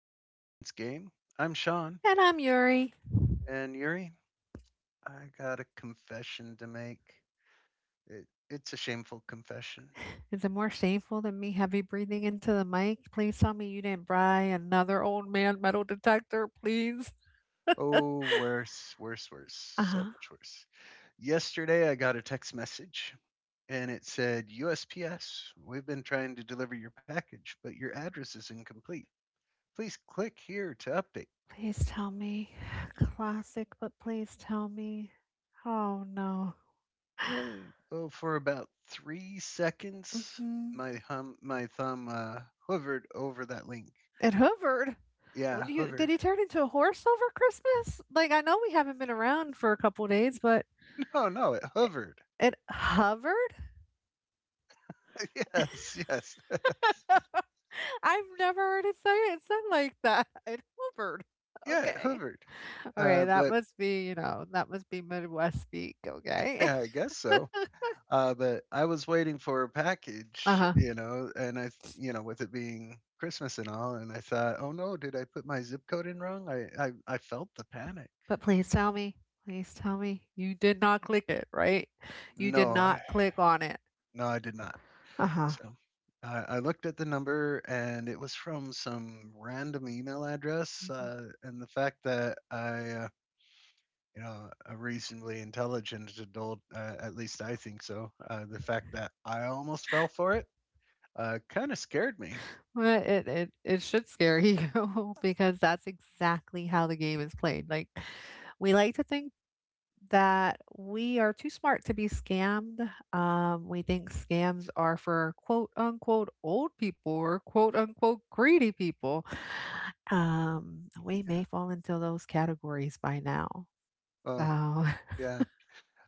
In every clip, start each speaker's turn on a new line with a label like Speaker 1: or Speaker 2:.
Speaker 1: The Confidence Game. I'm Sean
Speaker 2: And I'm Yuri.
Speaker 1: and Yuri. I got a confession to make. It's a shameful confession.
Speaker 2: Is it more shameful than me heavy breathing into the mic? Please tell me you didn't buy another old man metal detector, please.
Speaker 1: Oh, worse, worse, worse.
Speaker 2: Uh
Speaker 1: So
Speaker 2: huh.
Speaker 1: much worse. Yesterday, I got a text message and it said, USPS, we've been trying to deliver your package, but your address is incomplete. Please click here to update.
Speaker 2: Please tell me. Classic, but please tell me. Oh no.
Speaker 1: Uh, oh, for about three seconds,
Speaker 2: Hmm.
Speaker 1: my thumb hovered over that link.
Speaker 2: It hovered. Oh,
Speaker 1: Yeah,
Speaker 2: do you, did
Speaker 1: hovered.
Speaker 2: he turn into a horse over Christmas? Like, I know we haven't been around for a couple days, but
Speaker 1: No, no, it hovered.
Speaker 2: it hovered?
Speaker 1: Yes, yes,
Speaker 2: I've never heard it say it said like that. It hovered.
Speaker 1: yeah, it
Speaker 2: Okay.
Speaker 1: hovered.
Speaker 2: Okay, that
Speaker 1: But
Speaker 2: must be, that must be Midwest speak, okay?
Speaker 1: Yeah, I guess so. But I was waiting for a package,
Speaker 2: Uh-huh.
Speaker 1: you know, and I, th- you know, with it being Christmas and all, and I thought, oh no, did I put my zip code in wrong? I felt the panic.
Speaker 2: But please tell me you did not click it, right? You did
Speaker 1: No, I-
Speaker 2: not click on it.
Speaker 1: no, I did not.
Speaker 2: Uh-huh.
Speaker 1: So I looked at the number and it was from some random email address.
Speaker 2: Mhm.
Speaker 1: And the fact that you know, a reasonably intelligent adult, at least I think so, the fact that I almost fell for it kind of scared me.
Speaker 2: Well, it should scare you because that's exactly how the game is played. Like we like to think that we are too smart to be scammed. We think scams are for quote unquote old people or quote unquote greedy people. We
Speaker 1: Yeah.
Speaker 2: may fall into those categories by now. So,
Speaker 1: Oh, yeah.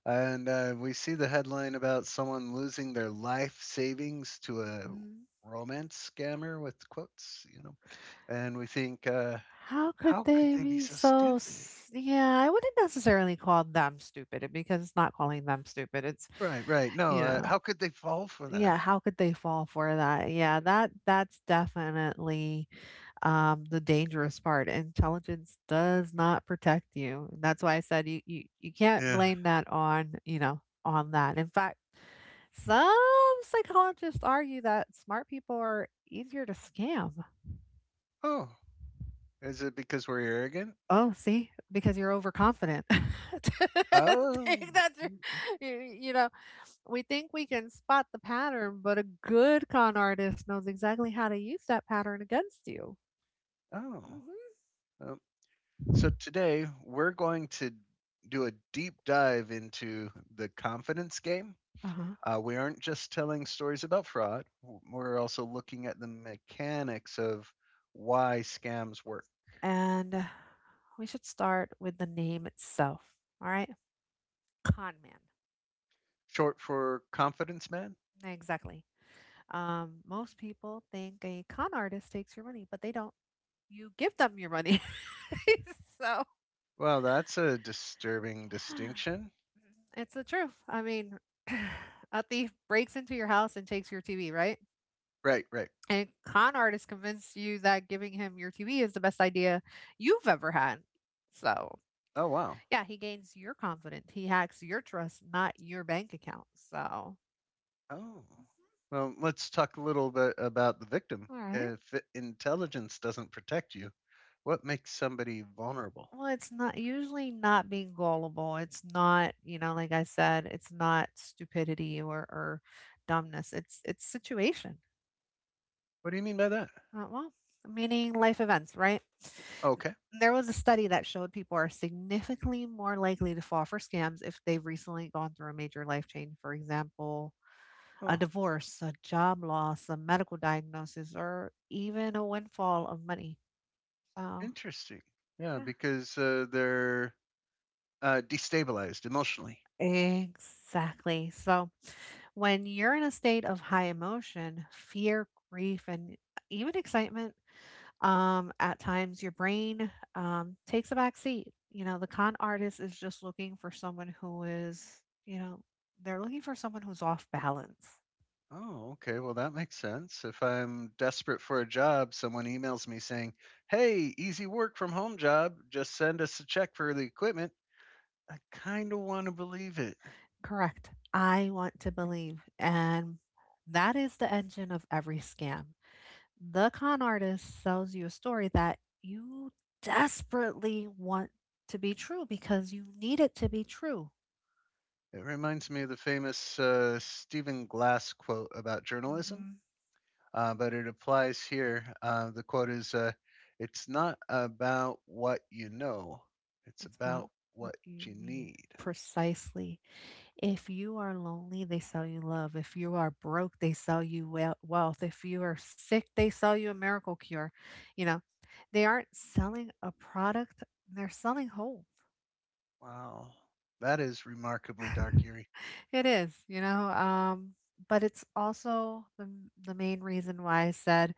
Speaker 1: And we see the headline about someone losing their life savings to a romance scammer with quotes, you know, and we think,
Speaker 2: how could
Speaker 1: how could
Speaker 2: they
Speaker 1: they be
Speaker 2: be
Speaker 1: so
Speaker 2: so?
Speaker 1: stupid?
Speaker 2: Yeah, I wouldn't necessarily call them stupid because it's not calling them stupid. It's,
Speaker 1: Right, right. No,
Speaker 2: you
Speaker 1: uh,
Speaker 2: know,
Speaker 1: how could they fall for
Speaker 2: yeah,
Speaker 1: that?
Speaker 2: how could they fall for that? Yeah, that's definitely the dangerous part. Intelligence does not protect you. That's why I said you can't
Speaker 1: Yeah.
Speaker 2: blame that on you know on that. In fact, some psychologists argue that smart people are easier to scam.
Speaker 1: Oh, is it because we're arrogant?
Speaker 2: Oh, see, because you're overconfident.
Speaker 1: Oh,
Speaker 2: Think that you're-
Speaker 1: mm,
Speaker 2: you know, we think we can spot the pattern, but a good con artist knows exactly how to use that pattern against you.
Speaker 1: oh.
Speaker 2: Hmm.
Speaker 1: Um, so today we're going to do a deep dive into the confidence game.
Speaker 2: Uh huh.
Speaker 1: We aren't just telling stories about fraud, we're also looking at the mechanics of why scams work.
Speaker 2: And we should start with the name itself. All right. Con man.
Speaker 1: Short for confidence man?
Speaker 2: Exactly. Most people think a con artist takes your money, but they don't. You give them your money. So
Speaker 1: Well, that's a disturbing distinction.
Speaker 2: it's the truth. I mean, a thief breaks into your house and takes your TV, right?
Speaker 1: Right, right.
Speaker 2: And con artist convinced you that giving him your TV is the best idea you've ever had. So
Speaker 1: Oh, wow.
Speaker 2: yeah, he gains your confidence. He hacks your trust, not your bank account. So,
Speaker 1: Oh,
Speaker 2: mhm.
Speaker 1: well, let's talk a little bit about the victim.
Speaker 2: All right.
Speaker 1: If intelligence doesn't protect you, what makes somebody vulnerable?
Speaker 2: Well, it's not usually not being gullible. It's not, you know, like I said, it's not stupidity or dumbness. It's situation.
Speaker 1: What do you mean by that?
Speaker 2: Uh, well, meaning life events, right?
Speaker 1: Okay.
Speaker 2: There was a study that showed people are significantly more likely to fall for scams if they've recently gone through a major life change. For example, a
Speaker 1: Oh,
Speaker 2: divorce, a job loss, a medical diagnosis, or even a windfall of money. So,
Speaker 1: interesting. Yeah,
Speaker 2: yeah,
Speaker 1: because they're destabilized emotionally.
Speaker 2: exactly. So, when you're in a state of high emotion, fear, grief, and even excitement, at times your brain takes a back seat. You know, the con artist is just looking for someone who is, you know, they're looking for someone who's off balance.
Speaker 1: Oh, okay. Well, that makes sense. If I'm desperate for a job, someone emails me saying, hey, easy work from home job. Just send us a check for the equipment. I kind of want to believe it.
Speaker 2: Correct. I want to believe. And that is the engine of every scam. The con artist sells you a story that you desperately want to be true because you need it to be true.
Speaker 1: It reminds me of the famous Stephen Glass quote about journalism,
Speaker 2: Hmm.
Speaker 1: but it applies here. The quote is: it's not about what you know, it's
Speaker 2: It's not
Speaker 1: about
Speaker 2: what
Speaker 1: what
Speaker 2: you
Speaker 1: you
Speaker 2: need.
Speaker 1: need.
Speaker 2: Precisely. If you are lonely, they sell you love. If you are broke, they sell you wel- wealth. If you are sick, they sell you a miracle cure. You know, they aren't selling a product, they're selling hope.
Speaker 1: Wow. That is remarkably dark, Yuri.
Speaker 2: It is, you know, but it's also the the main reason why I said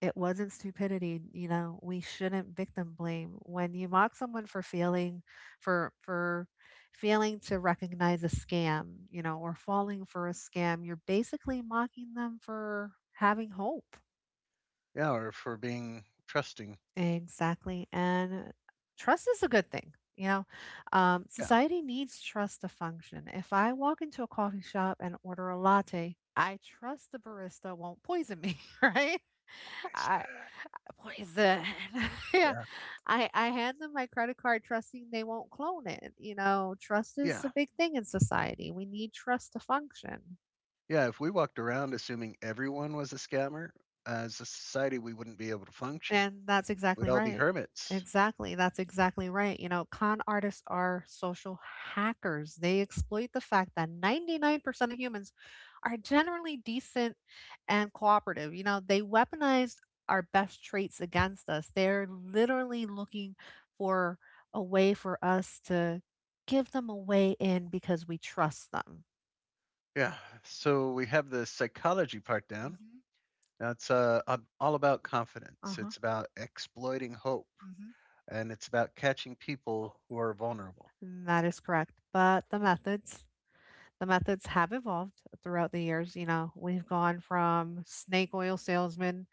Speaker 2: it wasn't stupidity. You know, we shouldn't victim blame. When you mock someone for failing, for failing to recognize a scam, you know, or falling for a scam, you're basically mocking them for having hope.
Speaker 1: Yeah, or for being trusting.
Speaker 2: Exactly. And trust is a good thing. You know,
Speaker 1: Yeah. I
Speaker 2: society needs trust to function. If I walk into a coffee shop and order a latte, I trust the barista won't poison me, right? I
Speaker 1: said,
Speaker 2: poison. Yeah.
Speaker 1: yeah.
Speaker 2: I hand them my credit card trusting they won't clone it. You know, trust is
Speaker 1: Yeah.
Speaker 2: a big thing in society. We need trust to function.
Speaker 1: Yeah. If we walked around assuming everyone was a scammer, as a society, we wouldn't be able to function.
Speaker 2: And that's
Speaker 1: We'd
Speaker 2: exactly
Speaker 1: all be
Speaker 2: right.
Speaker 1: hermits.
Speaker 2: Exactly. That's exactly right. You know, con artists are social hackers. They exploit the fact that 99% of humans are generally decent and cooperative. You know, they weaponized our best traits against us. They're literally looking for a way for us to give them a way in because we trust them.
Speaker 1: Yeah. So we have the psychology part down.
Speaker 2: Mm-hmm.
Speaker 1: Now it's all about
Speaker 2: Uh
Speaker 1: confidence.
Speaker 2: huh.
Speaker 1: It's about exploiting hope, and it's about catching people who are vulnerable.
Speaker 2: Hmm. That is correct. But the methods, the methods have evolved throughout the years, you know, we've gone from snake oil salesmen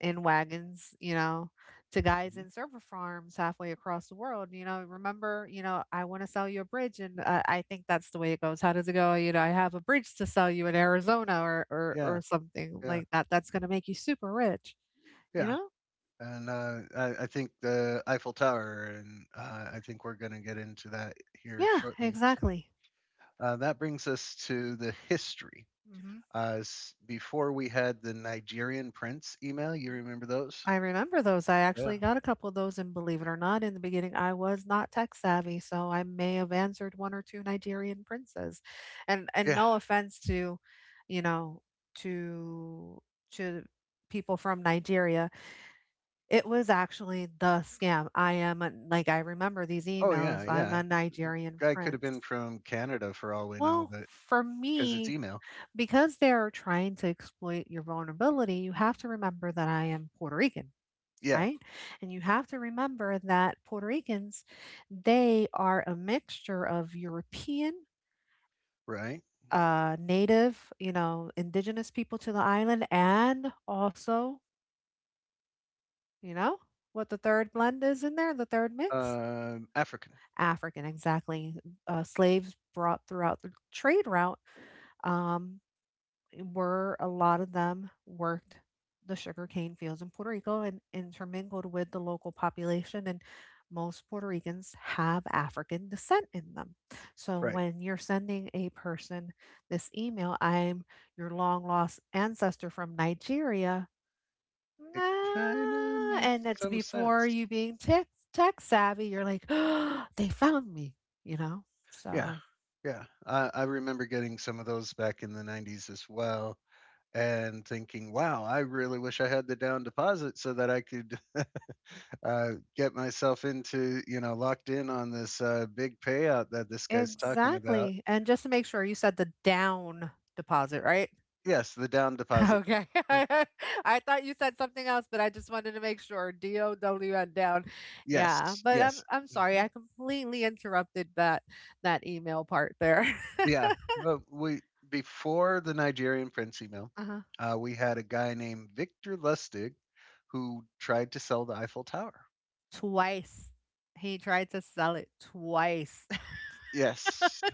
Speaker 2: in wagons, you know, to guys
Speaker 1: Hmm.
Speaker 2: in server farms halfway across the world, you know, remember, you know, I want to sell you a bridge and I think that's the way it goes. How does it go? You know, I have a bridge to sell you in Arizona
Speaker 1: Yeah,
Speaker 2: or something
Speaker 1: yeah,
Speaker 2: like that. That's going to make you super rich, you
Speaker 1: yeah.
Speaker 2: know?
Speaker 1: And I think the Eiffel Tower, and I think we're going to get into that here
Speaker 2: Yeah,
Speaker 1: shortly. So
Speaker 2: exactly.
Speaker 1: uh, that brings us to the history.
Speaker 2: Mhm.
Speaker 1: Before we had the Nigerian Prince email, you remember those?
Speaker 2: I remember those. I
Speaker 1: Yeah.
Speaker 2: actually got a couple of those, and believe it or not, in the beginning, I was not tech savvy, so I may have answered one or two Nigerian princes. And
Speaker 1: Yeah.
Speaker 2: no offense to, you know, to to people from Nigeria, it was actually the scam. I am a, like I remember these
Speaker 1: Oh, yeah,
Speaker 2: emails. I'm
Speaker 1: yeah.
Speaker 2: a Nigerian
Speaker 1: Guy could have
Speaker 2: prince.
Speaker 1: been from Canada for all we know,
Speaker 2: Well,
Speaker 1: but
Speaker 2: for
Speaker 1: because it's
Speaker 2: me,
Speaker 1: email.
Speaker 2: because they're trying to exploit your vulnerability, you have to remember that I am Puerto Rican,
Speaker 1: Yeah,
Speaker 2: right? And you have to remember that Puerto Ricans, they are a mixture of European,
Speaker 1: right.
Speaker 2: native, you know, indigenous people to the island, and also, you know, what the third blend is in there, the third mix?
Speaker 1: African.
Speaker 2: African, exactly. Slaves brought throughout the trade route. Um, were a lot of them worked the sugarcane fields in Puerto Rico and intermingled with the local population. And most Puerto Ricans have African descent in them. So
Speaker 1: Right.
Speaker 2: when you're sending a person this email, I'm your long lost ancestor from Nigeria.
Speaker 1: It kind of
Speaker 2: "Ah," and
Speaker 1: makes
Speaker 2: it's
Speaker 1: some
Speaker 2: before
Speaker 1: sense.
Speaker 2: you being tech savvy, you're like, they found me, you know?
Speaker 1: Yeah,
Speaker 2: So
Speaker 1: yeah. I remember getting some of those back in the '90s as well, and thinking, "Wow, I really wish I had the down deposit so that I could uh, get myself into, you know, locked in on this big payout that this guy's talking about."
Speaker 2: exactly, and just to make sure, you said the down deposit, right?
Speaker 1: Yes, the down deposit.
Speaker 2: Okay. I thought you said something else, but I just wanted to make sure, down, down. Yeah,
Speaker 1: Yes,
Speaker 2: but I'm
Speaker 1: yes.
Speaker 2: I'm sorry,
Speaker 1: Mm-hmm.
Speaker 2: I completely interrupted that that email part there.
Speaker 1: Yeah. Well, we Before the Nigerian Prince email,
Speaker 2: Uh-huh.
Speaker 1: we had a guy named Victor Lustig who tried to sell the Eiffel Tower.
Speaker 2: Twice. He tried to sell it twice.
Speaker 1: Yes,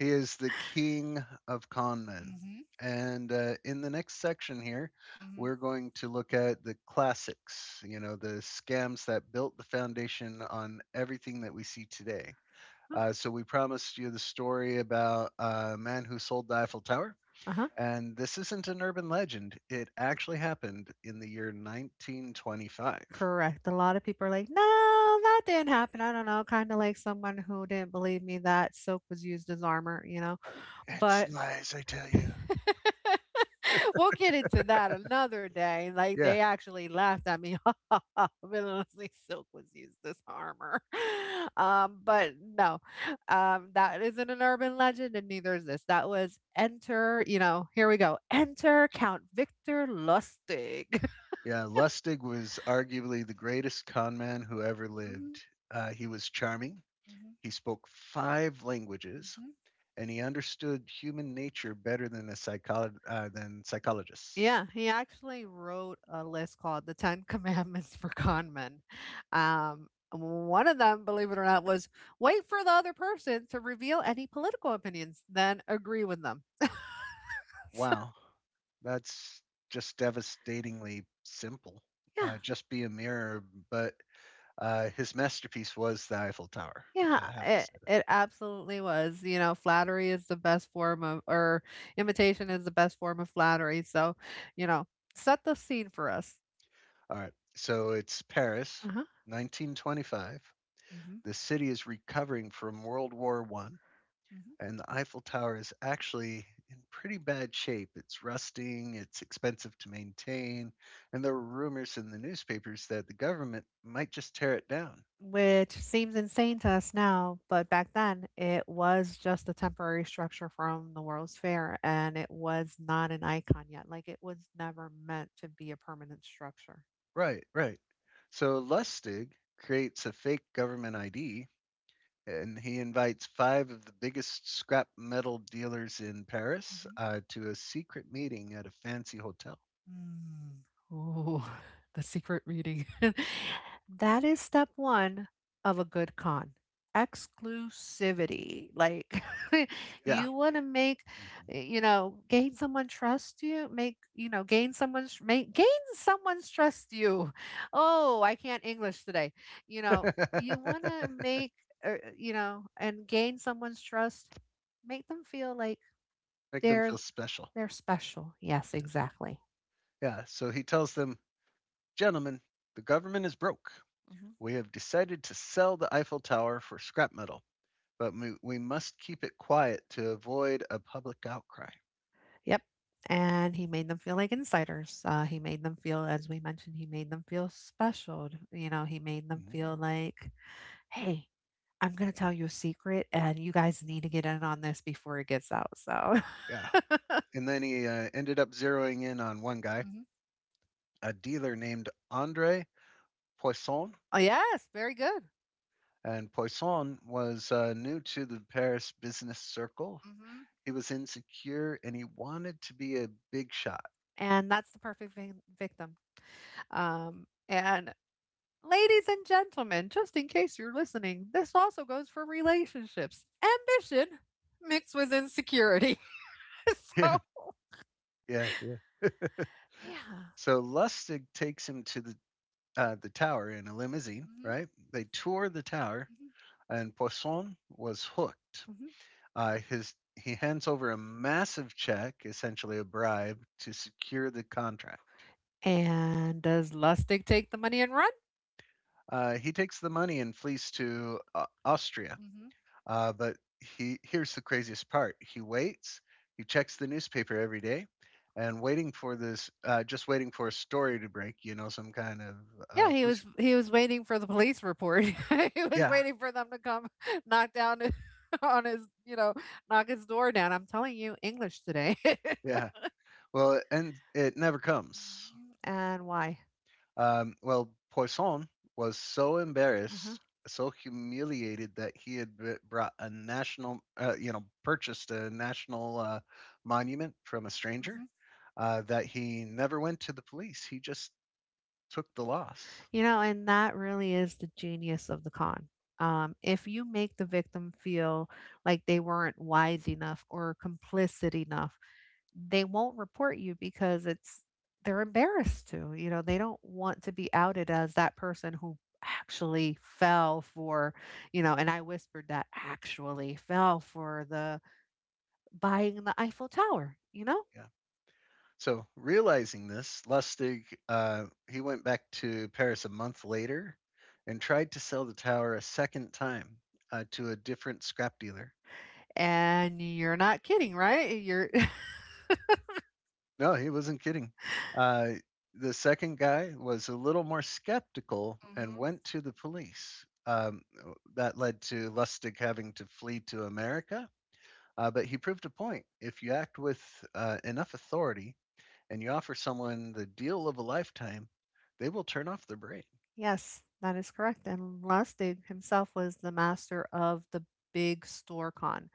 Speaker 1: he is the king of con men.
Speaker 2: Mm-hmm.
Speaker 1: And in the next section here,
Speaker 2: Mm-hmm.
Speaker 1: we're going to look at the classics, you know, the scams that built the foundation on everything that we see today. So, we promised you the story about a man who sold the Eiffel Tower.
Speaker 2: Uh-huh.
Speaker 1: And this isn't an urban legend. It actually happened in the year 1925.
Speaker 2: Correct. A lot of people are like, no, that didn't happen. I don't know. Kind of like someone who didn't believe me that silk was used as armor, you know?
Speaker 1: It's
Speaker 2: But
Speaker 1: lies, I tell you.
Speaker 2: we'll get into that another day. Like
Speaker 1: Yeah,
Speaker 2: they actually laughed at me. Honestly, silk was used as armor. But no, that isn't an urban legend, and neither is this. That was enter. You know, here we go. Enter Count Victor Lustig.
Speaker 1: yeah. Lustig was arguably the greatest con man who ever
Speaker 2: Mhm,
Speaker 1: lived. He was charming,
Speaker 2: mhm,
Speaker 1: he spoke five languages,
Speaker 2: mhm.
Speaker 1: and he understood human nature better than psychologists.
Speaker 2: Yeah, he actually wrote a list called The 10 Commandments for Con Men. One of them, believe it or not, was wait for the other person to reveal any political opinions, then agree with them. So,
Speaker 1: Wow, that's just devastatingly simple.
Speaker 2: yeah,
Speaker 1: Just be a mirror, but his masterpiece was the Eiffel Tower.
Speaker 2: yeah,
Speaker 1: I have to
Speaker 2: it,
Speaker 1: say that.
Speaker 2: it absolutely was. You know, flattery is the best form of, or imitation is the best form of flattery. So, you know, set the scene for us.
Speaker 1: All right. So it's Paris,
Speaker 2: Uh huh.
Speaker 1: 1925.
Speaker 2: Hmm.
Speaker 1: The city is recovering from World War One, and the Eiffel Tower is actually in pretty bad shape. It's rusting. It's expensive to maintain, and there were rumors in the newspapers that the government might just tear it down.
Speaker 2: Which seems insane to us now, but back then it was just a temporary structure from the World's Fair and it was not an icon yet. Like it was never meant to be a permanent structure.
Speaker 1: Right. Right. So Lustig creates a fake government ID and he invites five of the biggest scrap metal dealers in Paris to a secret meeting at a fancy hotel.
Speaker 2: Mm. Ooh, the secret reading. That is step one of a good con. Exclusivity. Like
Speaker 1: Yeah.
Speaker 2: you want to make,
Speaker 1: Mhm.
Speaker 2: you know, gain someone trust you, make, you know, gain someone's trust you. Oh, I can't English today. You know, you want to make, you know, and gain someone's trust, make them feel like
Speaker 1: Make them
Speaker 2: they're
Speaker 1: feel special.
Speaker 2: they're special. Yes,
Speaker 1: Yeah.
Speaker 2: exactly.
Speaker 1: Yeah. So he tells them, gentlemen, the government is broke. We have decided to sell the Eiffel Tower for scrap metal, but we must keep it quiet to avoid a public outcry.
Speaker 2: Yep. And he made them feel like insiders. He made them feel, as we mentioned, he made them feel special. You know, he made them feel
Speaker 1: Mhm.
Speaker 2: like, hey, I'm going to tell you a secret and you guys need to get in on this before it gets out. So,
Speaker 1: Yeah. And then he ended up zeroing in on one guy,
Speaker 2: mhm.
Speaker 1: a dealer named Andre Poisson,
Speaker 2: Oh, yes, very good.
Speaker 1: and Poisson was new to the Paris business circle.
Speaker 2: Mhm.
Speaker 1: He was insecure and he wanted to be a big shot.
Speaker 2: And that's the perfect victim. And ladies and gentlemen, just in case you're listening, this also goes for relationships. Ambition mixed with insecurity.
Speaker 1: Yeah,
Speaker 2: So,
Speaker 1: yeah.
Speaker 2: yeah.
Speaker 1: So Lustig takes him to the tower in a limousine.
Speaker 2: Mhm.
Speaker 1: Right? They tour the tower, and Poisson was hooked.
Speaker 2: Mhm.
Speaker 1: His he hands over a massive check, essentially a bribe, to secure the contract.
Speaker 2: And does Lustig take the money and run?
Speaker 1: He takes the money and flees to Austria.
Speaker 2: Mhm. Mhm.
Speaker 1: But he Here's the craziest part. He waits. He checks the newspaper every day, and waiting for this, just waiting for a story to break. You know, some kind of
Speaker 2: Yeah,
Speaker 1: police report.
Speaker 2: he was waiting for the police report. He was
Speaker 1: Yeah,
Speaker 2: waiting for them to come knock down his- on his, you know, knock his door down. I'm telling you, English today.
Speaker 1: yeah. Well, and it never comes.
Speaker 2: Mhm. And why?
Speaker 1: Well, Poisson was so
Speaker 2: Uh-huh.
Speaker 1: embarrassed, so humiliated that brought a national, you know, purchased a national monument from a stranger.
Speaker 2: Mhm.
Speaker 1: That he never went to the police. He just took the loss.
Speaker 2: You know, and that really is the genius of the con. If you make the victim feel like they weren't wise enough or complicit enough, they won't report you because it's they're embarrassed to, they don't want to be outed as that person who actually fell for, and I whispered that actually fell for the buying the Eiffel Tower, you know?
Speaker 1: Yeah. So realizing this, Lustig he went back to Paris a month later and tried to sell the tower a second time to a different scrap dealer.
Speaker 2: And you're not kidding, right? You're
Speaker 1: No, he wasn't kidding. Uh, the second guy was a little more skeptical and
Speaker 2: hmm.
Speaker 1: went to the police. That led to Lustig having to flee to America. But he proved a point. If you act with enough authority and you offer someone the deal of a lifetime, they will turn off their brain.
Speaker 2: Yes, that is correct. And Lustig himself was the master of the big store con.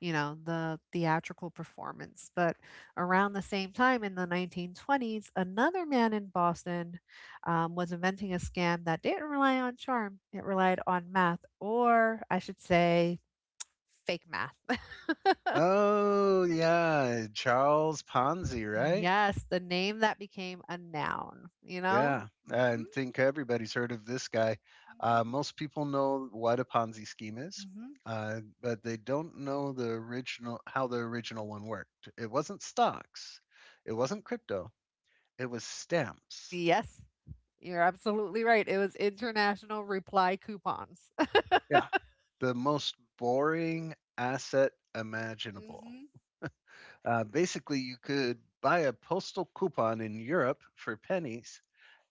Speaker 2: You know, the theatrical performance. But around the same time in the 1920s, another man in Boston was inventing a scam that didn't rely on charm, it relied on math, or I should say, fake math.
Speaker 1: Oh, yeah, Charles Ponzi, right?
Speaker 2: Yes, the name that became a noun, you know?
Speaker 1: Yeah, I
Speaker 2: Hmm.
Speaker 1: think everybody's heard of this guy. Most people know what a Ponzi scheme is,
Speaker 2: Hmm. Hmm.
Speaker 1: but they don't know the original how the original one worked. It wasn't stocks, it wasn't crypto, it was stamps.
Speaker 2: Yes, you're absolutely right. It was international reply coupons.
Speaker 1: Yeah, the most boring asset imaginable.
Speaker 2: Hmm.
Speaker 1: Basically, you could buy a postal coupon in Europe for pennies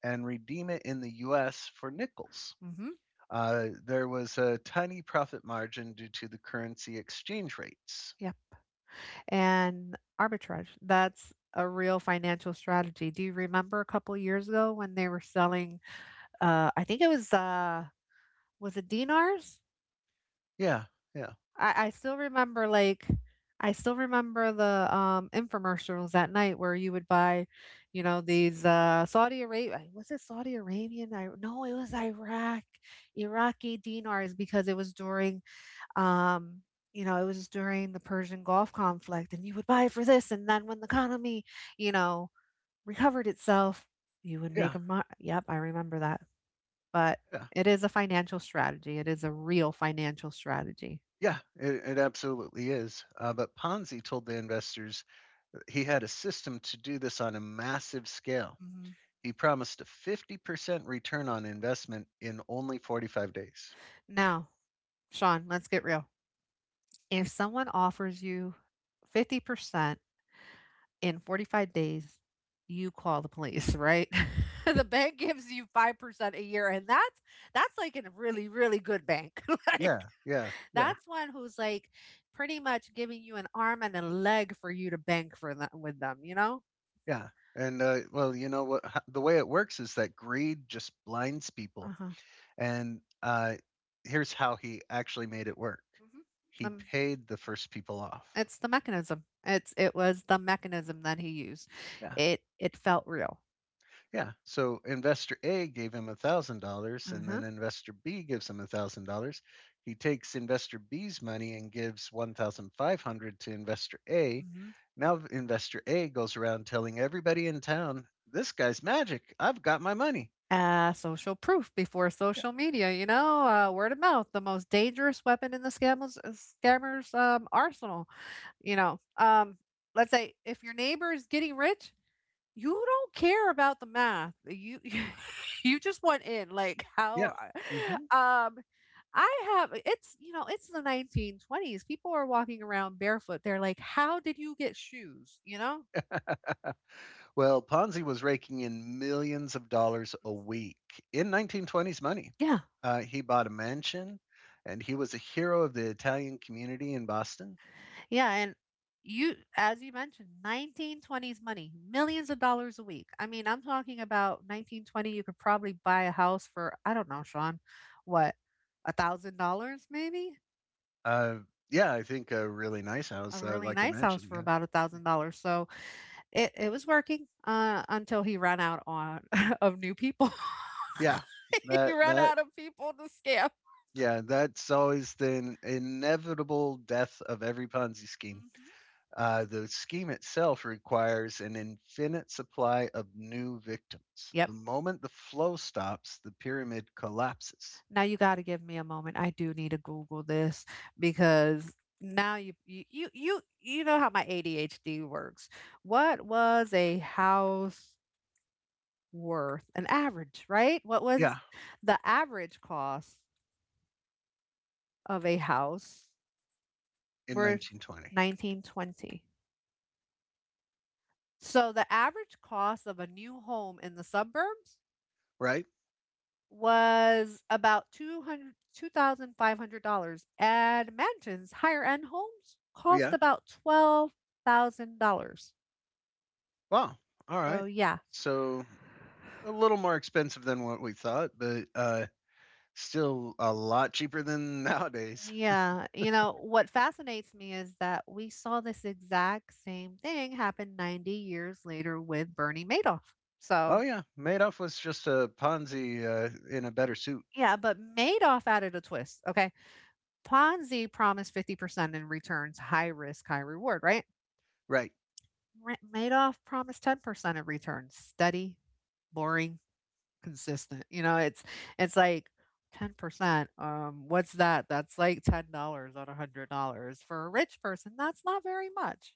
Speaker 1: and redeem it in the US for nickels.
Speaker 2: Hmm.
Speaker 1: There was a tiny profit margin due to the currency exchange rates.
Speaker 2: Yeah. And arbitrage. That's a real financial strategy. Do you remember a couple years ago when they were selling I think it was it dinars?
Speaker 1: Yeah, yeah,
Speaker 2: I still remember like I still remember the infomercials at night where you would buy, you know, these Saudi Arabia, was it Saudi Arabian? I, no, it was Iraq, Iraqi dinars because it was during um, you know, it was during the Persian Gulf conflict, and you would buy it for this, and then when the economy, you know, recovered itself, you would make
Speaker 1: yeah,
Speaker 2: a Yep, I remember that. But
Speaker 1: yeah,
Speaker 2: it is a financial strategy. It is a real financial strategy.
Speaker 1: yeah, it absolutely is. But Ponzi told the investors he had a system to do this on a massive scale.
Speaker 2: Mhm.
Speaker 1: He promised a 50% return on investment in only 45 days.
Speaker 2: Now, Sean, let's get real. If someone offers you 50% in 45 days, you call the police, right? The bank gives you 5% a year and that's like in a really, really good bank. Like.
Speaker 1: Yeah, yeah, yeah.
Speaker 2: That's one who's like pretty much giving you an arm and a leg for you to bank for them, with them, you know?
Speaker 1: Yeah, and well, you know what? The way it works is that greed just blinds people.
Speaker 2: Uh-huh.
Speaker 1: And here's how he actually made it work.
Speaker 2: Hmm. The,
Speaker 1: He paid the first people off.
Speaker 2: it's the mechanism. It was the mechanism that he used.
Speaker 1: Yeah,
Speaker 2: It felt real.
Speaker 1: yeah. So investor A gave him $1,000, and
Speaker 2: Uh-huh.
Speaker 1: then investor B gives him $1,000. He takes investor B's money and gives 1,500 to investor A.
Speaker 2: Hmm.
Speaker 1: Now investor A goes around telling everybody in town, "This guy's magic. I've got my money."
Speaker 2: Social proof before
Speaker 1: Yeah.
Speaker 2: social media, you know, word of mouth, the most dangerous weapon in the scammers arsenal. You know, let's say if your neighbor is getting rich, you don't care about the math. You you just went in like how
Speaker 1: Yeah.
Speaker 2: are-
Speaker 1: Hmm.
Speaker 2: um I have it's you know it's the 1920s. People are walking around barefoot. They're like, "How did you get shoes?" You know?
Speaker 1: Well, Ponzi was raking in millions of dollars a week in 1920s money.
Speaker 2: Yeah.
Speaker 1: He bought a mansion and he was a hero of the Italian community in Boston.
Speaker 2: Yeah, and you, as you mentioned, 1920s money, millions of dollars a week. I mean, I'm talking about 1920 you could probably buy a house for I don't know, Sean, what? $1,000 maybe?
Speaker 1: Uh, yeah, I think a really nice
Speaker 2: A
Speaker 1: house,
Speaker 2: really
Speaker 1: like a
Speaker 2: nice house
Speaker 1: mansion.
Speaker 2: for
Speaker 1: Yeah.
Speaker 2: about $1,000. So it was working, until he ran out on of new people.
Speaker 1: Yeah.
Speaker 2: He
Speaker 1: That,
Speaker 2: ran
Speaker 1: that,
Speaker 2: out of people to scam.
Speaker 1: yeah, that's always the inevitable death of every Ponzi scheme.
Speaker 2: Mhm.
Speaker 1: The scheme itself requires an infinite supply of new victims.
Speaker 2: Yep.
Speaker 1: The moment the flow stops, the pyramid collapses.
Speaker 2: Now you gotta give me a moment. I do need to Google this because now you know how my ADHD works. What was a house worth? An average, right? What, yeah,
Speaker 1: Yeah,
Speaker 2: was the average cost of a house
Speaker 1: in
Speaker 2: worth
Speaker 1: 1920,
Speaker 2: 1920? So the average cost of a new home in the suburbs
Speaker 1: right?
Speaker 2: was about $202,500 and mansions, higher end homes cost
Speaker 1: Yeah.
Speaker 2: about $12,000.
Speaker 1: Wow. All
Speaker 2: So
Speaker 1: right.
Speaker 2: yeah.
Speaker 1: So a little more expensive than what we thought, but still a lot cheaper than nowadays.
Speaker 2: Yeah, you know, what fascinates me is that we saw this exact same thing happen 90 years later with Bernie Madoff.
Speaker 1: Oh
Speaker 2: So,
Speaker 1: yeah, Madoff was just a Ponzi in a better suit,
Speaker 2: yeah, but Madoff added a twist. Okay. Ponzi promised 50% in returns, high risk, high reward, right?
Speaker 1: right?
Speaker 2: Madoff promised 10% of returns. Steady, boring, consistent. You know, it's like 10%. What's that? That's like $10 on $100. For a rich person, that's not very much.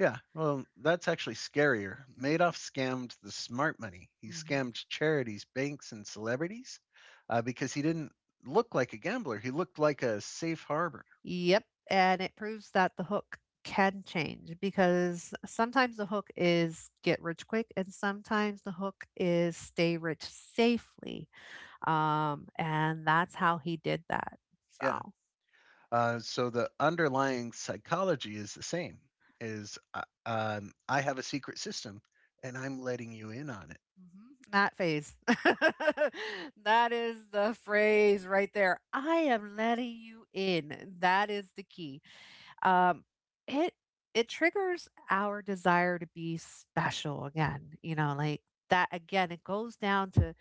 Speaker 1: Yeah. Well, that's actually scarier.
Speaker 2: Mhm.
Speaker 1: Madoff scammed the smart money. He
Speaker 2: Mhm.
Speaker 1: scammed charities, banks, and celebrities because he didn't look like a gambler. He looked like a safe harbor.
Speaker 2: Yep. And it proves that the hook can change because sometimes the hook is get rich quick and sometimes the hook is stay rich safely. And that's how he did that.
Speaker 1: Yeah.
Speaker 2: So.
Speaker 1: So the underlying psychology is the same. Is I have a secret system, and I'm letting you in on it.
Speaker 2: Mhm. Not phase. That is the phrase right there. I am letting you in. That is the key. Um, it it triggers our desire to be special again. You know, like that again. It goes down to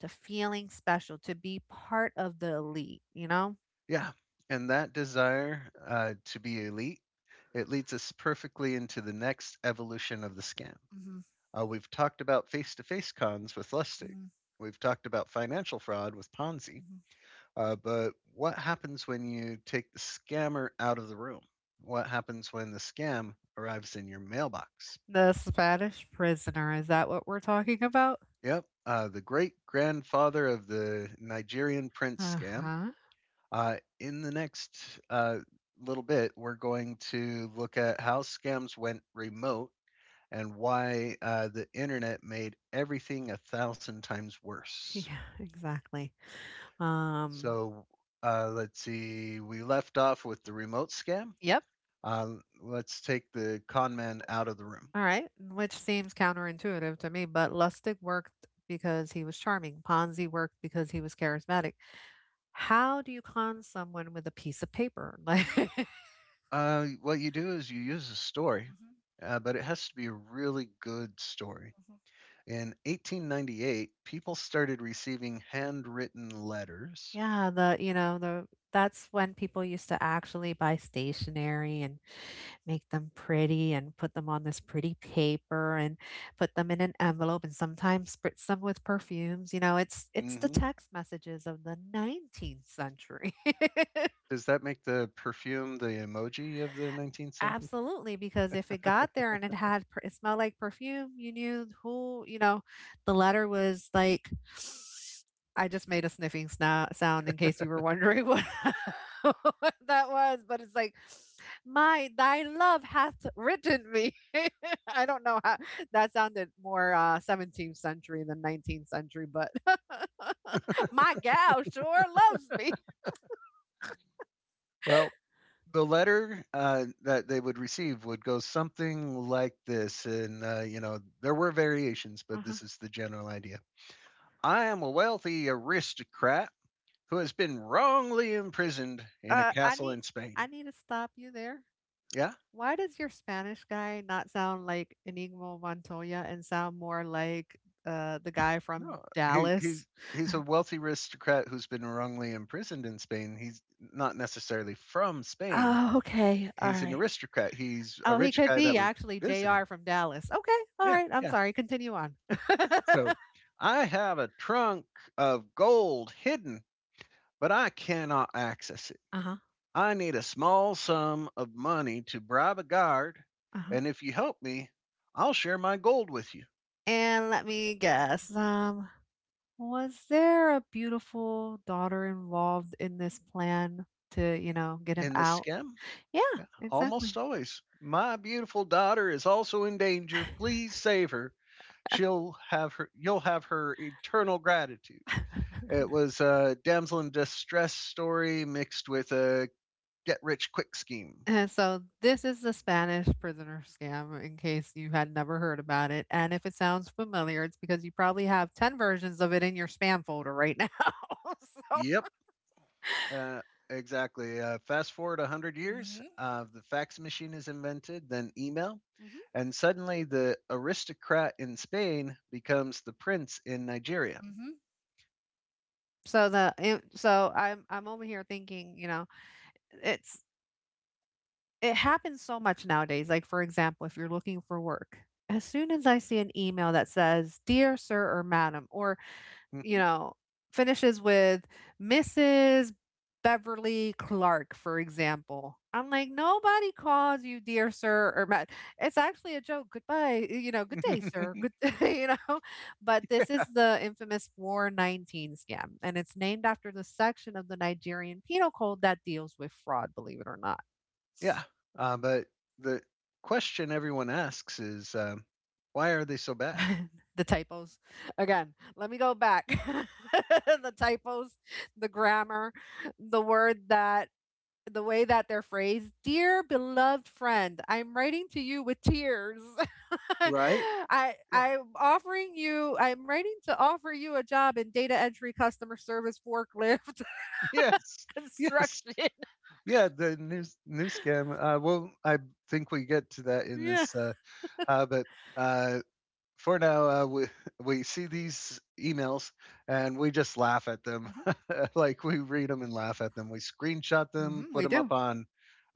Speaker 2: feeling special, to be part of the elite. You know,
Speaker 1: Yeah, and that desire to be elite it leads us perfectly into the next evolution of the scam.
Speaker 2: hmm.
Speaker 1: We've talked about face-to-face cons with Lustig.
Speaker 2: Hmm.
Speaker 1: We've talked about financial fraud with Ponzi.
Speaker 2: Hmm.
Speaker 1: But what happens when you take the scammer out of the room? What happens when the scam arrives in your mailbox?
Speaker 2: The Spanish prisoner. Is that what we're talking about?
Speaker 1: Yep. The great grandfather of the Nigerian prince
Speaker 2: Uh
Speaker 1: scam.
Speaker 2: huh.
Speaker 1: In the next little bit, we're going to look at how scams went remote and why the internet made everything a thousand times
Speaker 2: Yeah,
Speaker 1: worse.
Speaker 2: exactly. Um.
Speaker 1: So let's see. We left off with the remote scam.
Speaker 2: Yep.
Speaker 1: Uh, let's take the con man out of the room.
Speaker 2: All right, which seems counterintuitive to me, but Lustig worked because he was charming. Ponzi worked because he was charismatic. How do you con someone with a piece of paper? Like, mhm,
Speaker 1: What you do is you use a story,
Speaker 2: mhm.
Speaker 1: but it has to be a really good story. In 1898, people started receiving handwritten letters.
Speaker 2: Yeah, the, you know, the, that's when people used to actually buy stationery and make them pretty and put them on this pretty paper and put them in an envelope and sometimes spritz them with perfumes. You know, it's the
Speaker 1: Hmm
Speaker 2: text messages of the 19th century.
Speaker 1: Does that make the perfume the emoji of the 19th century?
Speaker 2: Absolutely, because if it got there and it had per it smelled like perfume, you knew who, you know, the letter was like I just made a sniffing sno sound in case you were wondering what what that was, but it's like, "My thy love hath written me." I don't know how that sounded more, 17th century than 19th century, but "My gal sure loves me."
Speaker 1: Well, the letter that they would receive would go something like this, and you know there were variations, but
Speaker 2: Uh-huh.
Speaker 1: this is the general idea. I am a wealthy aristocrat who has been wrongly imprisoned in a
Speaker 2: Uh, I
Speaker 1: castle
Speaker 2: need
Speaker 1: in
Speaker 2: I
Speaker 1: Spain.
Speaker 2: need to stop you there.
Speaker 1: Yeah.
Speaker 2: Why does your Spanish guy not sound like Enigma Montoya and sound more like the guy from
Speaker 1: No, he
Speaker 2: Dallas?
Speaker 1: he's he's a wealthy aristocrat who's been wrongly imprisoned in Spain. He's not necessarily from Spain.
Speaker 2: Oh, okay. All
Speaker 1: He's an
Speaker 2: right.
Speaker 1: aristocrat. He's a
Speaker 2: Oh, he
Speaker 1: rich
Speaker 2: could
Speaker 1: guy that
Speaker 2: be
Speaker 1: was
Speaker 2: actually
Speaker 1: visiting.
Speaker 2: JR from Dallas. Okay. All
Speaker 1: Yeah,
Speaker 2: right. I'm
Speaker 1: yeah.
Speaker 2: sorry. Continue on.
Speaker 1: So I have a trunk of gold hidden, but I cannot access it.
Speaker 2: Uh-huh.
Speaker 1: I need a small sum of money to bribe a guard,
Speaker 2: Uh-huh.
Speaker 1: and if you help me, I'll share my gold with you.
Speaker 2: And let me guess. Was there a beautiful daughter involved in this plan to, you know, get him
Speaker 1: In the
Speaker 2: out?
Speaker 1: scam,
Speaker 2: Yeah,
Speaker 1: yeah, almost
Speaker 2: exactly.
Speaker 1: always. My beautiful daughter is also in danger. Please save her. She'll have her. You'll have her eternal gratitude. It was a damsel in distress story mixed with a get rich quick scheme.
Speaker 2: So this is the Spanish prisoner scam in case you had never heard about it. And if it sounds familiar, it's because you probably have 10 versions of it in your spam folder right now. So
Speaker 1: Yep, uh, exactly. Fast forward a hundred years.
Speaker 2: hmm.
Speaker 1: The fax machine is invented, then email,
Speaker 2: Mhm.
Speaker 1: and suddenly the aristocrat in Spain becomes the prince in Nigeria.
Speaker 2: Hmm. So I'm over here thinking, you know, it's it happens so much nowadays. Like, for example, if you're looking for work, as soon as I see an email that says, "Dear sir or madam," or you
Speaker 1: Mhm.
Speaker 2: know, finishes with Mrs. Beverly Clark, for example. I'm like, nobody calls you dear sir or ma It's actually a joke. Goodbye, you know, good day, sir. Good you know. But this is the infamous 419 scam, and it's named after the section of the Nigerian Penal Code that deals with fraud, believe it or not.
Speaker 1: Yeah, but the question everyone asks is, "Why are they so bad?"
Speaker 2: The typos. Again, let me go back. The typos, the grammar, the word that the way that they're phrased, dear beloved friend, I'm writing to you with tears.
Speaker 1: Right? Yeah.
Speaker 2: I'm writing to offer you a job in data entry, customer service, forklift,
Speaker 1: Yes. Yes.
Speaker 2: construction.
Speaker 1: Yeah. The news scam. Well, I think we get to that in
Speaker 2: Yeah.
Speaker 1: this. But uh, for now, we we see these emails and we just laugh at them.
Speaker 2: Hmm.
Speaker 1: like we read them and laugh at them. We screenshot them,
Speaker 2: Hmm.
Speaker 1: put
Speaker 2: We
Speaker 1: them up
Speaker 2: do.
Speaker 1: on.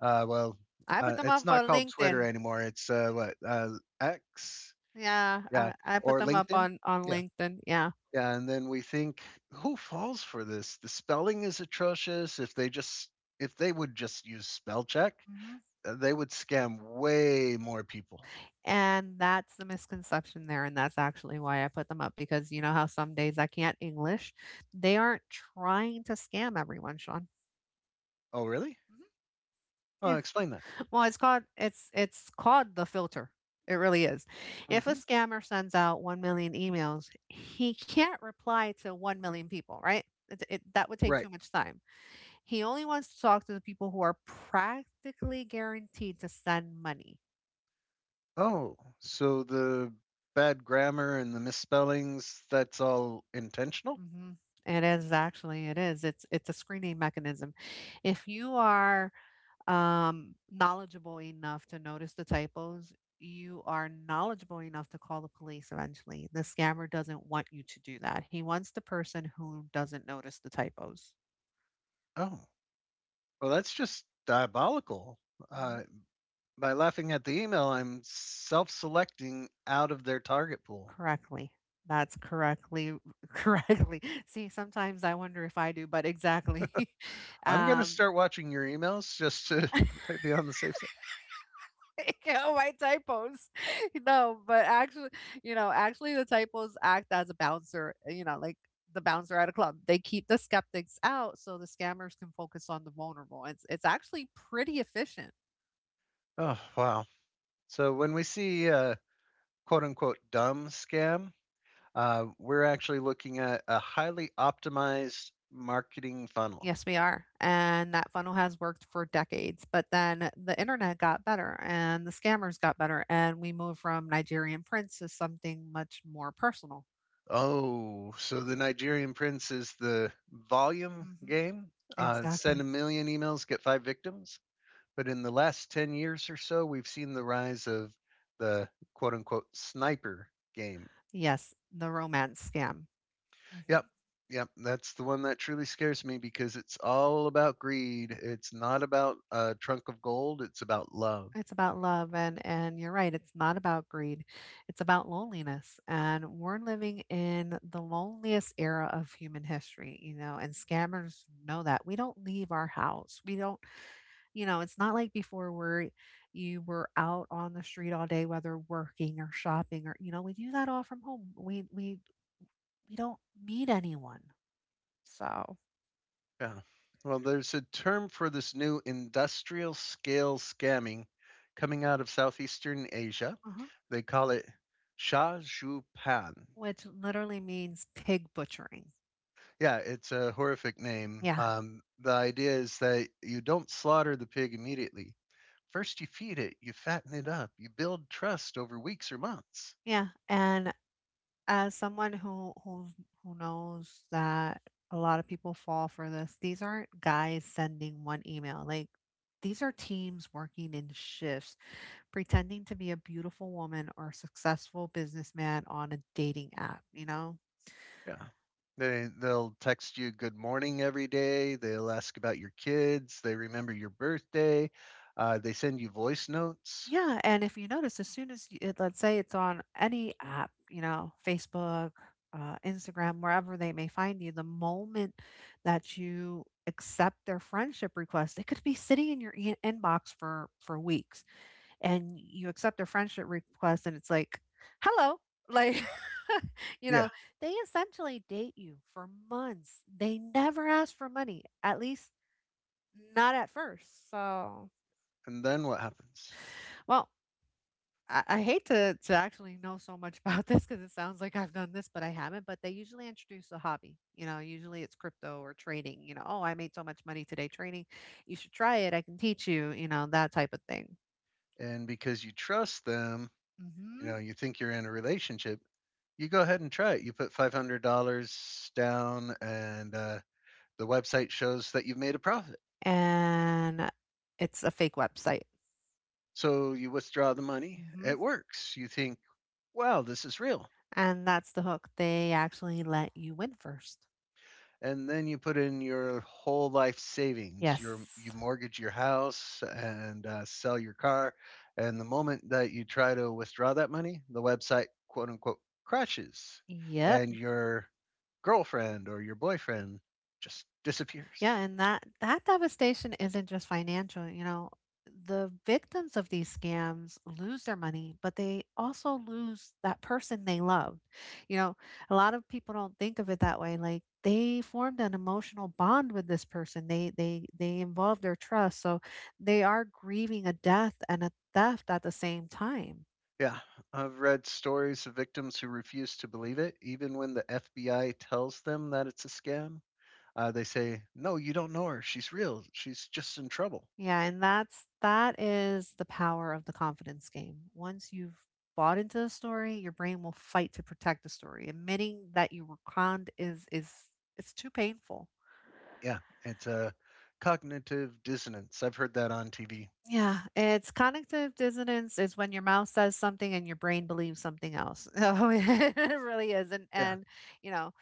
Speaker 1: Well,
Speaker 2: I put them
Speaker 1: it's
Speaker 2: up
Speaker 1: not
Speaker 2: on
Speaker 1: called Twitter
Speaker 2: LinkedIn.
Speaker 1: anymore. It's what X,
Speaker 2: Yeah,
Speaker 1: yeah,
Speaker 2: I put
Speaker 1: or
Speaker 2: them up
Speaker 1: LinkedIn,
Speaker 2: on
Speaker 1: yeah,
Speaker 2: LinkedIn. Yeah.
Speaker 1: yeah. And then we think, who falls for this? The spelling is atrocious. If they would just use spell check,
Speaker 2: Mhm.
Speaker 1: they would scam way more people.
Speaker 2: And that's the misconception there, and that's actually why I put them up because you know how some days I can't English? They aren't trying to scam everyone, Sean.
Speaker 1: Oh, really?
Speaker 2: Mhm.
Speaker 1: Oh,
Speaker 2: Yeah.
Speaker 1: explain that.
Speaker 2: Well, it's called it's called the filter. It really is. If a
Speaker 1: Hmm
Speaker 2: scammer sends out 1 million emails, he can't reply to 1 million people, right? That would take
Speaker 1: Right.
Speaker 2: too much time. He only wants to talk to the people who are practically guaranteed to send money.
Speaker 1: Oh, so the bad grammar and the misspellings, that's all intentional?
Speaker 2: Mhm. It is, actually, it is. It's a screening mechanism. If you are knowledgeable enough to notice the typos, you are knowledgeable enough to call the police eventually. The scammer doesn't want you to do that. He wants the person who doesn't notice the typos.
Speaker 1: Oh, well, that's just diabolical.
Speaker 2: Mhm.
Speaker 1: Uh, by laughing at the email, I'm self selecting out of their target pool.
Speaker 2: Correctly. That's correctly correctly. See, sometimes I wonder if I do, but exactly.
Speaker 1: I'm going to
Speaker 2: um,
Speaker 1: start watching your emails just to might be on the safe side.
Speaker 2: all my typos. No, but actually, you know, actually the typos act as a bouncer, you know, like the bouncer at a club. They keep the skeptics out so the scammers can focus on the vulnerable. It's actually pretty efficient.
Speaker 1: Oh, wow. So when we see quote unquote dumb scam, we're actually looking at a highly optimized marketing funnel.
Speaker 2: Yes, we are. And that funnel has worked for decades. But then the internet got better and the scammers got better. And we moved from Nigerian prince to something much more personal.
Speaker 1: Oh, so the Nigerian Prince is the volume
Speaker 2: Hmm.
Speaker 1: game. Send a
Speaker 2: Exactly.
Speaker 1: million emails, get five victims. But in the last 10 years or so, we've seen the rise of the quote unquote sniper game.
Speaker 2: Yes, the romance scam.
Speaker 1: Yep. Yep. That's the one that truly scares me because it's all about greed. It's not about a trunk of gold, it's about love.
Speaker 2: It's about love, and you're right, it's not about greed. It's about loneliness. And we're living in the loneliest era of human history, you know, and scammers know that. We don't leave our house. We don't, you know, it's not like before where you were out on the street all day whether working or shopping or you know, we do that all from home. We we don't meet anyone. So,
Speaker 1: Yeah. Well, there's a term for this new industrial scale scamming coming out of Southeastern Asia.
Speaker 2: uh-huh.
Speaker 1: They call it Sha Zhu Pan.
Speaker 2: Which literally means pig butchering.
Speaker 1: Yeah, it's a horrific name.
Speaker 2: Yeah.
Speaker 1: The idea is that you don't slaughter the pig immediately. First, you feed it, you fatten it up, you build trust over weeks or months.
Speaker 2: Yeah. And as someone who knows that a lot of people fall for this, these aren't guys sending one email. Like, these are teams working in shifts, pretending to be a beautiful woman or successful businessman on a dating app, you know?
Speaker 1: Yeah. They'll text you good morning every day. They'll ask about your kids. They remember your birthday. They send you voice notes.
Speaker 2: Yeah, and if you notice, as soon as you, let's say it's on any app, you know, Facebook, Instagram, wherever they may find you, the moment that you accept their friendship request, it could be sitting in your inbox for weeks, and you accept their friendship request, and it's like, hello, like. you
Speaker 1: Yeah.
Speaker 2: know, they essentially date you for months. They never ask for money, at least not at first. So,
Speaker 1: And then what happens?
Speaker 2: well, I hate to actually know so much about this because it sounds like I've done this, but I haven't. But they usually introduce a hobby. Usually it's crypto or trading. Oh, I made so much money today trading. You should try it. I can teach you. That type of thing.
Speaker 1: And because you trust them, you
Speaker 2: Mm-hmm.
Speaker 1: know, you think you're in a relationship, you go ahead and try it. You put $500 down, and the website shows that you've made a profit.
Speaker 2: And it's a fake website.
Speaker 1: So you withdraw the money.
Speaker 2: Mm-hmm.
Speaker 1: It works. You think, wow, this is real.
Speaker 2: And that's the hook. They actually let you win first.
Speaker 1: And then you put in your whole life savings, you
Speaker 2: Yes.
Speaker 1: mortgage your house and sell your car, and the moment that you try to withdraw that money the website quote unquote crashes
Speaker 2: Yep.
Speaker 1: and your girlfriend or your boyfriend just
Speaker 2: Yeah,
Speaker 1: disappears.
Speaker 2: and that devastation isn't just financial. The victims of these scams lose their money, but they also lose that person they loved. You know, a lot of people don't think of it that way. Like they formed an emotional bond with this person. They involve their trust. So they are grieving a death and a theft at the same time.
Speaker 1: Yeah, I've read stories of victims who refuse to believe it even when the FBI tells them that it's a scam. They say no, you don't know her, she's real, she's just in trouble.
Speaker 2: Yeah, and that is the power of the confidence game. Once you've bought into the story, your brain will fight to protect the story. Admitting that you were conned is it's too painful.
Speaker 1: Yeah, it's a cognitive dissonance. I've heard that on TV.
Speaker 2: Yeah, it's cognitive dissonance is when your mouth says something and your brain believes something else. So it really is. And
Speaker 1: Yeah,
Speaker 2: and you know,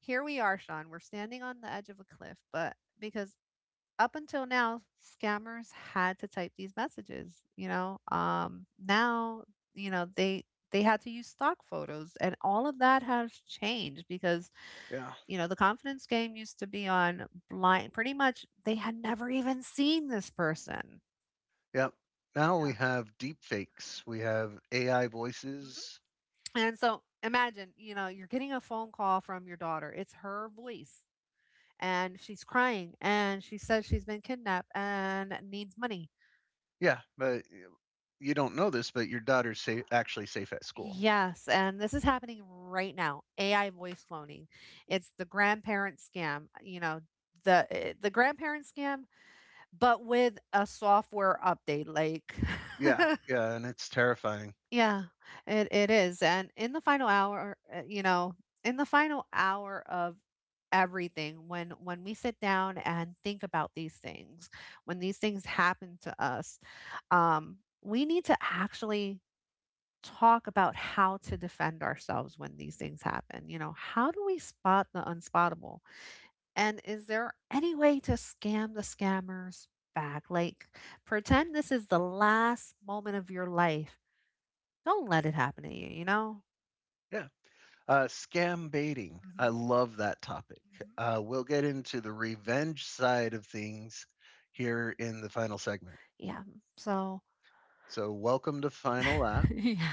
Speaker 2: here we are, Sean. We're standing on the edge of a cliff, but because up until now, scammers had to type these messages. Now, you know, they they had to use stock photos and all of that has changed because,
Speaker 1: yeah,
Speaker 2: you know, the confidence game used to be on blind pretty much they had never even seen this person.
Speaker 1: yeah. Now we
Speaker 2: Yeah.
Speaker 1: have deep fakes. We have AI
Speaker 2: Mhm.
Speaker 1: voices.
Speaker 2: And so imagine, you're getting a phone call from your daughter. It's her voice and she's crying and she says she's been kidnapped and needs money.
Speaker 1: Yeah, but you don't know this, but your daughter's safe, actually safe at school.
Speaker 2: Yes, and this is happening right now. AI voice cloning. It's the grandparent scam, the grandparent scam, but with a software update. Like,
Speaker 1: Yeah, yeah, and it's terrifying.
Speaker 2: yeah, it is. And in the final hour, in the final hour of everything, when we sit down and think about these things, when these things happen to us, um, we need to actually talk about how to defend ourselves when these things happen. How do we spot the unspotable? And is there any way to scam the scammers back? Like, pretend this is the last moment of your life. Don't let it happen to you, you know?
Speaker 1: Yeah. Scam baiting. I
Speaker 2: Hmm.
Speaker 1: love that topic.
Speaker 2: Hmm.
Speaker 1: We'll get into the revenge side of things here in the final segment.
Speaker 2: Yeah. So,
Speaker 1: So, welcome to Final Lap.
Speaker 2: yeah.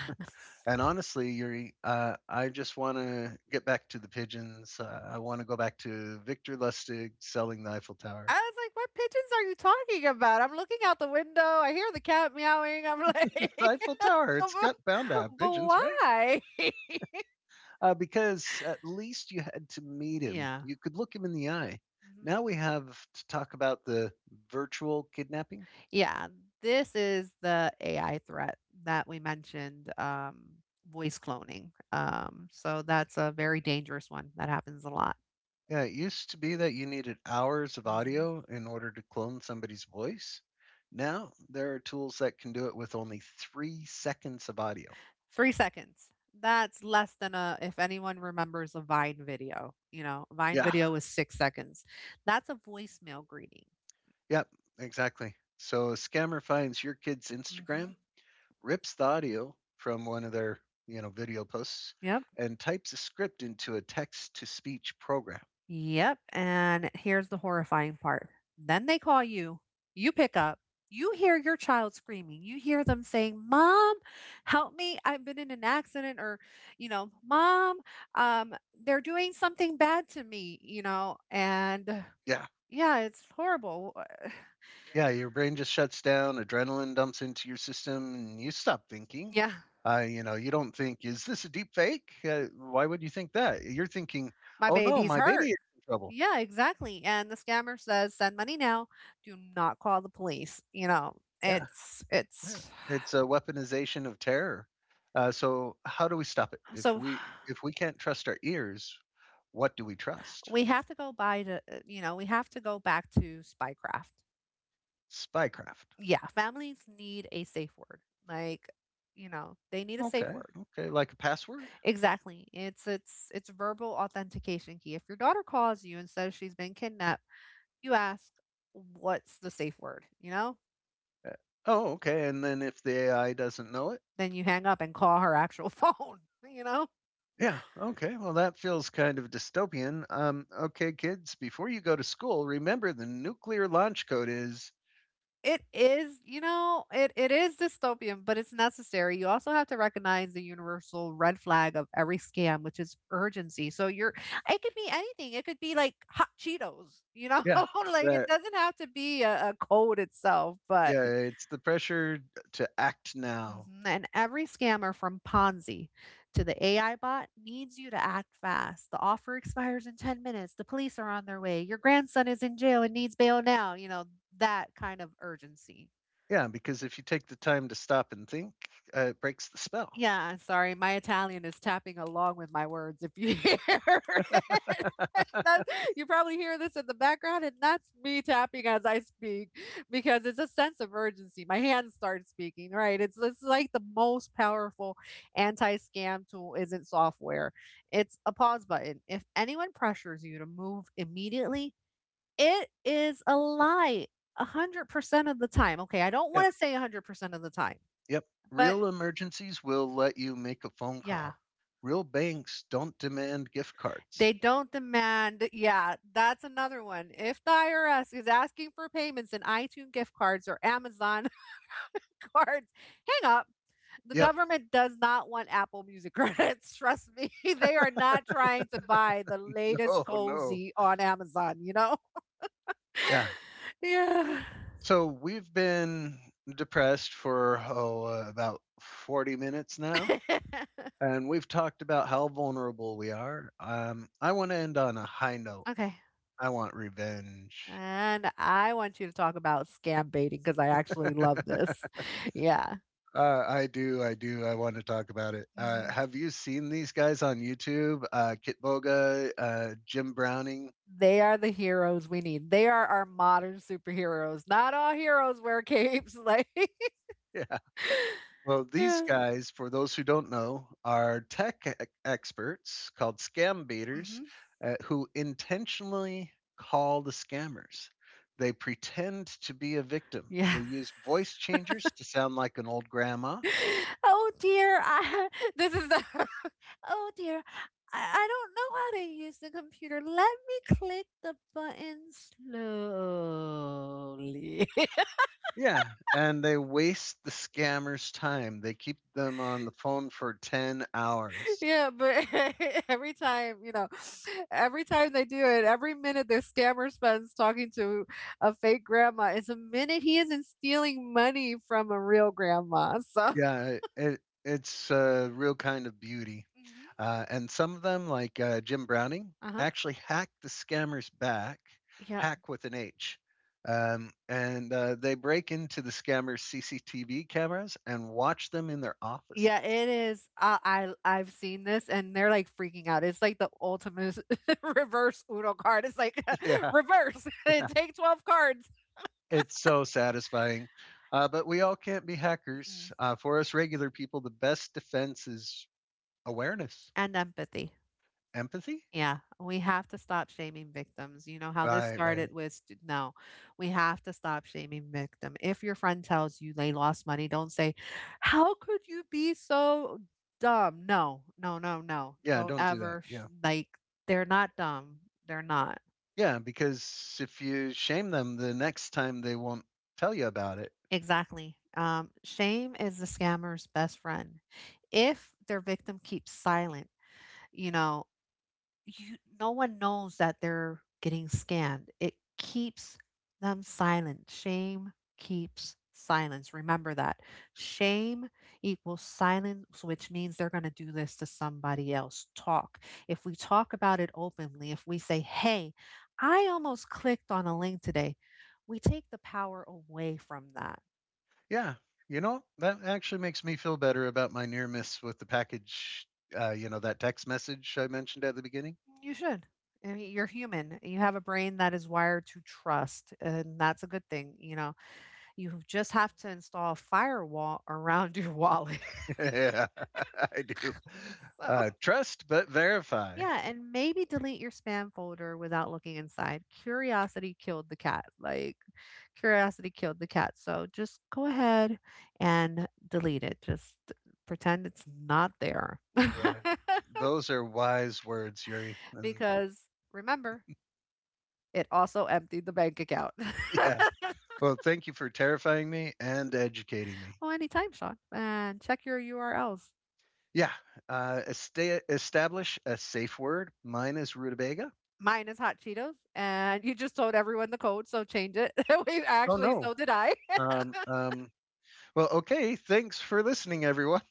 Speaker 1: And honestly, Yuri, I just want to get back to the pigeons. I want to go back to Victor Lustig selling the Eiffel
Speaker 2: I
Speaker 1: Tower.
Speaker 2: was like, what pigeons are you talking about? I'm looking out the window. I hear the cat meowing. I'm like,
Speaker 1: The Eiffel Tower,
Speaker 2: but,
Speaker 1: it's got bound to have
Speaker 2: but
Speaker 1: pigeons, right?
Speaker 2: why?
Speaker 1: Because at least you had to meet him.
Speaker 2: Yeah.
Speaker 1: You could look him in the eye.
Speaker 2: Mhm.
Speaker 1: Now we have to talk about the virtual kidnapping.
Speaker 2: Yeah, this is the AI threat that we mentioned, voice cloning. So that's a very dangerous one that happens a lot.
Speaker 1: Yeah, it used to be that you needed hours of
Speaker 2: Hmm.
Speaker 1: audio in order to clone somebody's voice. Now there are tools that can do it with only 3 seconds of audio.
Speaker 2: 3 seconds. That's less than a, if anyone remembers a Vine video, Vine
Speaker 1: Yeah.
Speaker 2: video was 6 seconds. That's a voicemail greeting.
Speaker 1: Yep, exactly. So a scammer finds your kid's
Speaker 2: Hmm.
Speaker 1: Instagram, rips the audio from one of their, you know, video posts
Speaker 2: Yep.
Speaker 1: and types a script into a text to speech program.
Speaker 2: Yep. And here's the horrifying part. Then they call you. You pick up. You hear your child screaming. You hear them saying, Mom, help me. I've been in an accident. Or, Mom, um, they're doing something bad to me. And
Speaker 1: Yeah.
Speaker 2: yeah, it's horrible.
Speaker 1: Yeah, your brain just shuts down, adrenaline dumps into your system and you stop thinking.
Speaker 2: Yeah.
Speaker 1: You know, you don't think, is this a deep fake? Why would you think that? You're thinking,
Speaker 2: My
Speaker 1: oh no,
Speaker 2: baby's
Speaker 1: my baby
Speaker 2: hurt.
Speaker 1: is in trouble.
Speaker 2: Yeah, exactly. And the scammer says, send money now. Do not call the police. You know,
Speaker 1: Yeah.
Speaker 2: it's,
Speaker 1: Yeah,
Speaker 2: it's
Speaker 1: it's a weaponization of terror. So how do we stop it?
Speaker 2: so.
Speaker 1: If we can't trust our ears, what do we trust?
Speaker 2: We have to go by the, We have to go back to spycraft.
Speaker 1: Spycraft.
Speaker 2: Yeah, families need a safe word. Like, they need a safe
Speaker 1: Okay,
Speaker 2: word.
Speaker 1: okay, like a password.
Speaker 2: Exactly. It's verbal authentication key. If your daughter calls you and says she's been kidnapped, you ask, "What's the safe word?" You know?
Speaker 1: Uh, Oh, okay. And then if the AI doesn't know it,
Speaker 2: Then you hang up and call her actual phone, you know?
Speaker 1: yeah, okay. Well, that feels kind of dystopian. Okay, kids, before you go to school, remember the nuclear launch code is
Speaker 2: It is dystopian, but it's necessary. You also have to recognize the universal red flag of every scam, which is urgency. So you're it could be anything. It could be like hot Cheetos,
Speaker 1: yeah
Speaker 2: like it
Speaker 1: that
Speaker 2: doesn't have to be a code itself, but.
Speaker 1: yeah. It's the pressure to act now.
Speaker 2: Mhm. And every scammer from Ponzi to the AI bot needs you to act fast. The offer expires in 10 minutes. The police are on their way. Your grandson is in jail and needs bail now, that kind of urgency.
Speaker 1: Yeah, because if you take the time to stop and think, it breaks the spell.
Speaker 2: Yeah, sorry, my Italian is tapping along with my words if you hear it. That- you probably hear this in the background, and that's me tapping as I speak because it's a sense of urgency. My hands start speaking, right? It's like the most powerful anti scam tool isn't software, it's a pause button. If anyone pressures you to move immediately, it is a lie 100% of the time. Okay, I don't
Speaker 1: Yeah.
Speaker 2: want to say 100% of the time,
Speaker 1: Yep.
Speaker 2: but
Speaker 1: Real emergencies will let you make a phone
Speaker 2: yeah.
Speaker 1: call. Real banks don't demand gift cards.
Speaker 2: They don't demand. Yeah, that's another one. If the IRS is asking for payments in iTunes gift cards or Amazon cards, hang up. The
Speaker 1: Yep.
Speaker 2: government does not want Apple Music credits. Trust me, they are not trying to buy the latest
Speaker 1: No, no.
Speaker 2: cozy on Amazon, you know?
Speaker 1: Yeah.
Speaker 2: Yeah.
Speaker 1: So we've been depressed for about 40 minutes now, and we've talked about how vulnerable we are. I want to end on a high note.
Speaker 2: Okay.
Speaker 1: I want revenge.
Speaker 2: And I want you to talk about scam baiting because I actually love this.
Speaker 1: I do. I want to talk about it.
Speaker 2: Yeah.
Speaker 1: Have you seen these guys on YouTube? Kit Boga, Jim Browning.
Speaker 2: They are the heroes we need. They are our modern superheroes. Not all heroes wear capes, like.
Speaker 1: Yeah. Well, these
Speaker 2: Yeah.
Speaker 1: guys, for those who don't know, are tech experts called scam baiters
Speaker 2: Mhm.
Speaker 1: who intentionally call the scammers. They pretend to be a victim.
Speaker 2: Yeah.
Speaker 1: They use voice changers to sound like an old grandma.
Speaker 2: "Oh dear, I." This is the "Oh dear, I don't know how to use the computer. Let me click the button slowly."
Speaker 1: Yeah, and they waste the scammers' time. They keep them on the phone for 10 hours.
Speaker 2: Yeah, but every time, every time they do it, every minute the scammer spends talking to a fake grandma is a minute he isn't stealing money from a real grandma. So.
Speaker 1: Yeah, it it's a real kind of beauty.
Speaker 2: Hmm.
Speaker 1: And some of them, like Jim Browning,
Speaker 2: Uh-huh.
Speaker 1: actually hack the scammer's back,
Speaker 2: Yeah.
Speaker 1: hack with an H. And they break into the scammer's CCTV cameras and watch them in their offices.
Speaker 2: Yeah, it is. I've seen this and they're like freaking out. It's like the ultimate reverse Uno card. It's like
Speaker 1: Yeah,
Speaker 2: reverse.
Speaker 1: yeah.
Speaker 2: Take 12 cards.
Speaker 1: It's so satisfying. But we all can't be hackers.
Speaker 2: Mm-mm.
Speaker 1: For us regular people, the best defense is awareness,
Speaker 2: And empathy.
Speaker 1: empathy.
Speaker 2: Yeah, we have to stop shaming victims. You know how this
Speaker 1: Right,
Speaker 2: started
Speaker 1: right.
Speaker 2: with no, we have to stop shaming victim. If your friend tells you they lost money, don't say, "How could you be so dumb?" No, no, no, no.
Speaker 1: Yeah,
Speaker 2: Don't
Speaker 1: don't do that.
Speaker 2: ever
Speaker 1: Yeah.
Speaker 2: like they're not dumb. They're not.
Speaker 1: Yeah, because if you shame them the next time they won't tell you about it.
Speaker 2: Exactly. Shame is the scammer's best friend. If their victim keeps silent, you know, you no one knows that they're getting scanned. It keeps them silent. Shame keeps silence. Remember that. Shame equals silence, which means they're going to do this to somebody else. Talk. If we talk about it openly, if we say, hey, I almost clicked on a link today, we take the power away from that.
Speaker 1: Yeah, you know, that actually makes me feel better about my near miss with the package. You know, that text message I mentioned at the beginning?
Speaker 2: You should. I mean, you're human. You have a brain that is wired to trust, and that's a good thing. You just have to install a firewall around your wallet.
Speaker 1: yeah, I do.
Speaker 2: So,
Speaker 1: Trust but verify.
Speaker 2: yeah, and maybe delete your spam folder without looking inside. Curiosity killed the cat. Like, curiosity killed the cat. So just go ahead and delete it. Just pretend it's not there.
Speaker 1: Yeah, those are wise words, Yuri. And
Speaker 2: Because remember, it also emptied the bank account.
Speaker 1: yeah, well, thank you for terrifying me and educating me.
Speaker 2: Well, anytime, Sean. And check your URLs.
Speaker 1: Yeah, establish a safe word. Mine is rutabaga.
Speaker 2: Mine is hot Cheetos, and you just told everyone the code, so change it. we
Speaker 1: Oh,
Speaker 2: actually,
Speaker 1: no.
Speaker 2: so did I.
Speaker 1: Um, um, well, okay. Thanks for listening, everyone.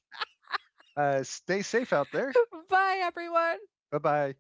Speaker 1: Stay safe out there.
Speaker 2: Bye, everyone.
Speaker 1: Bye bye.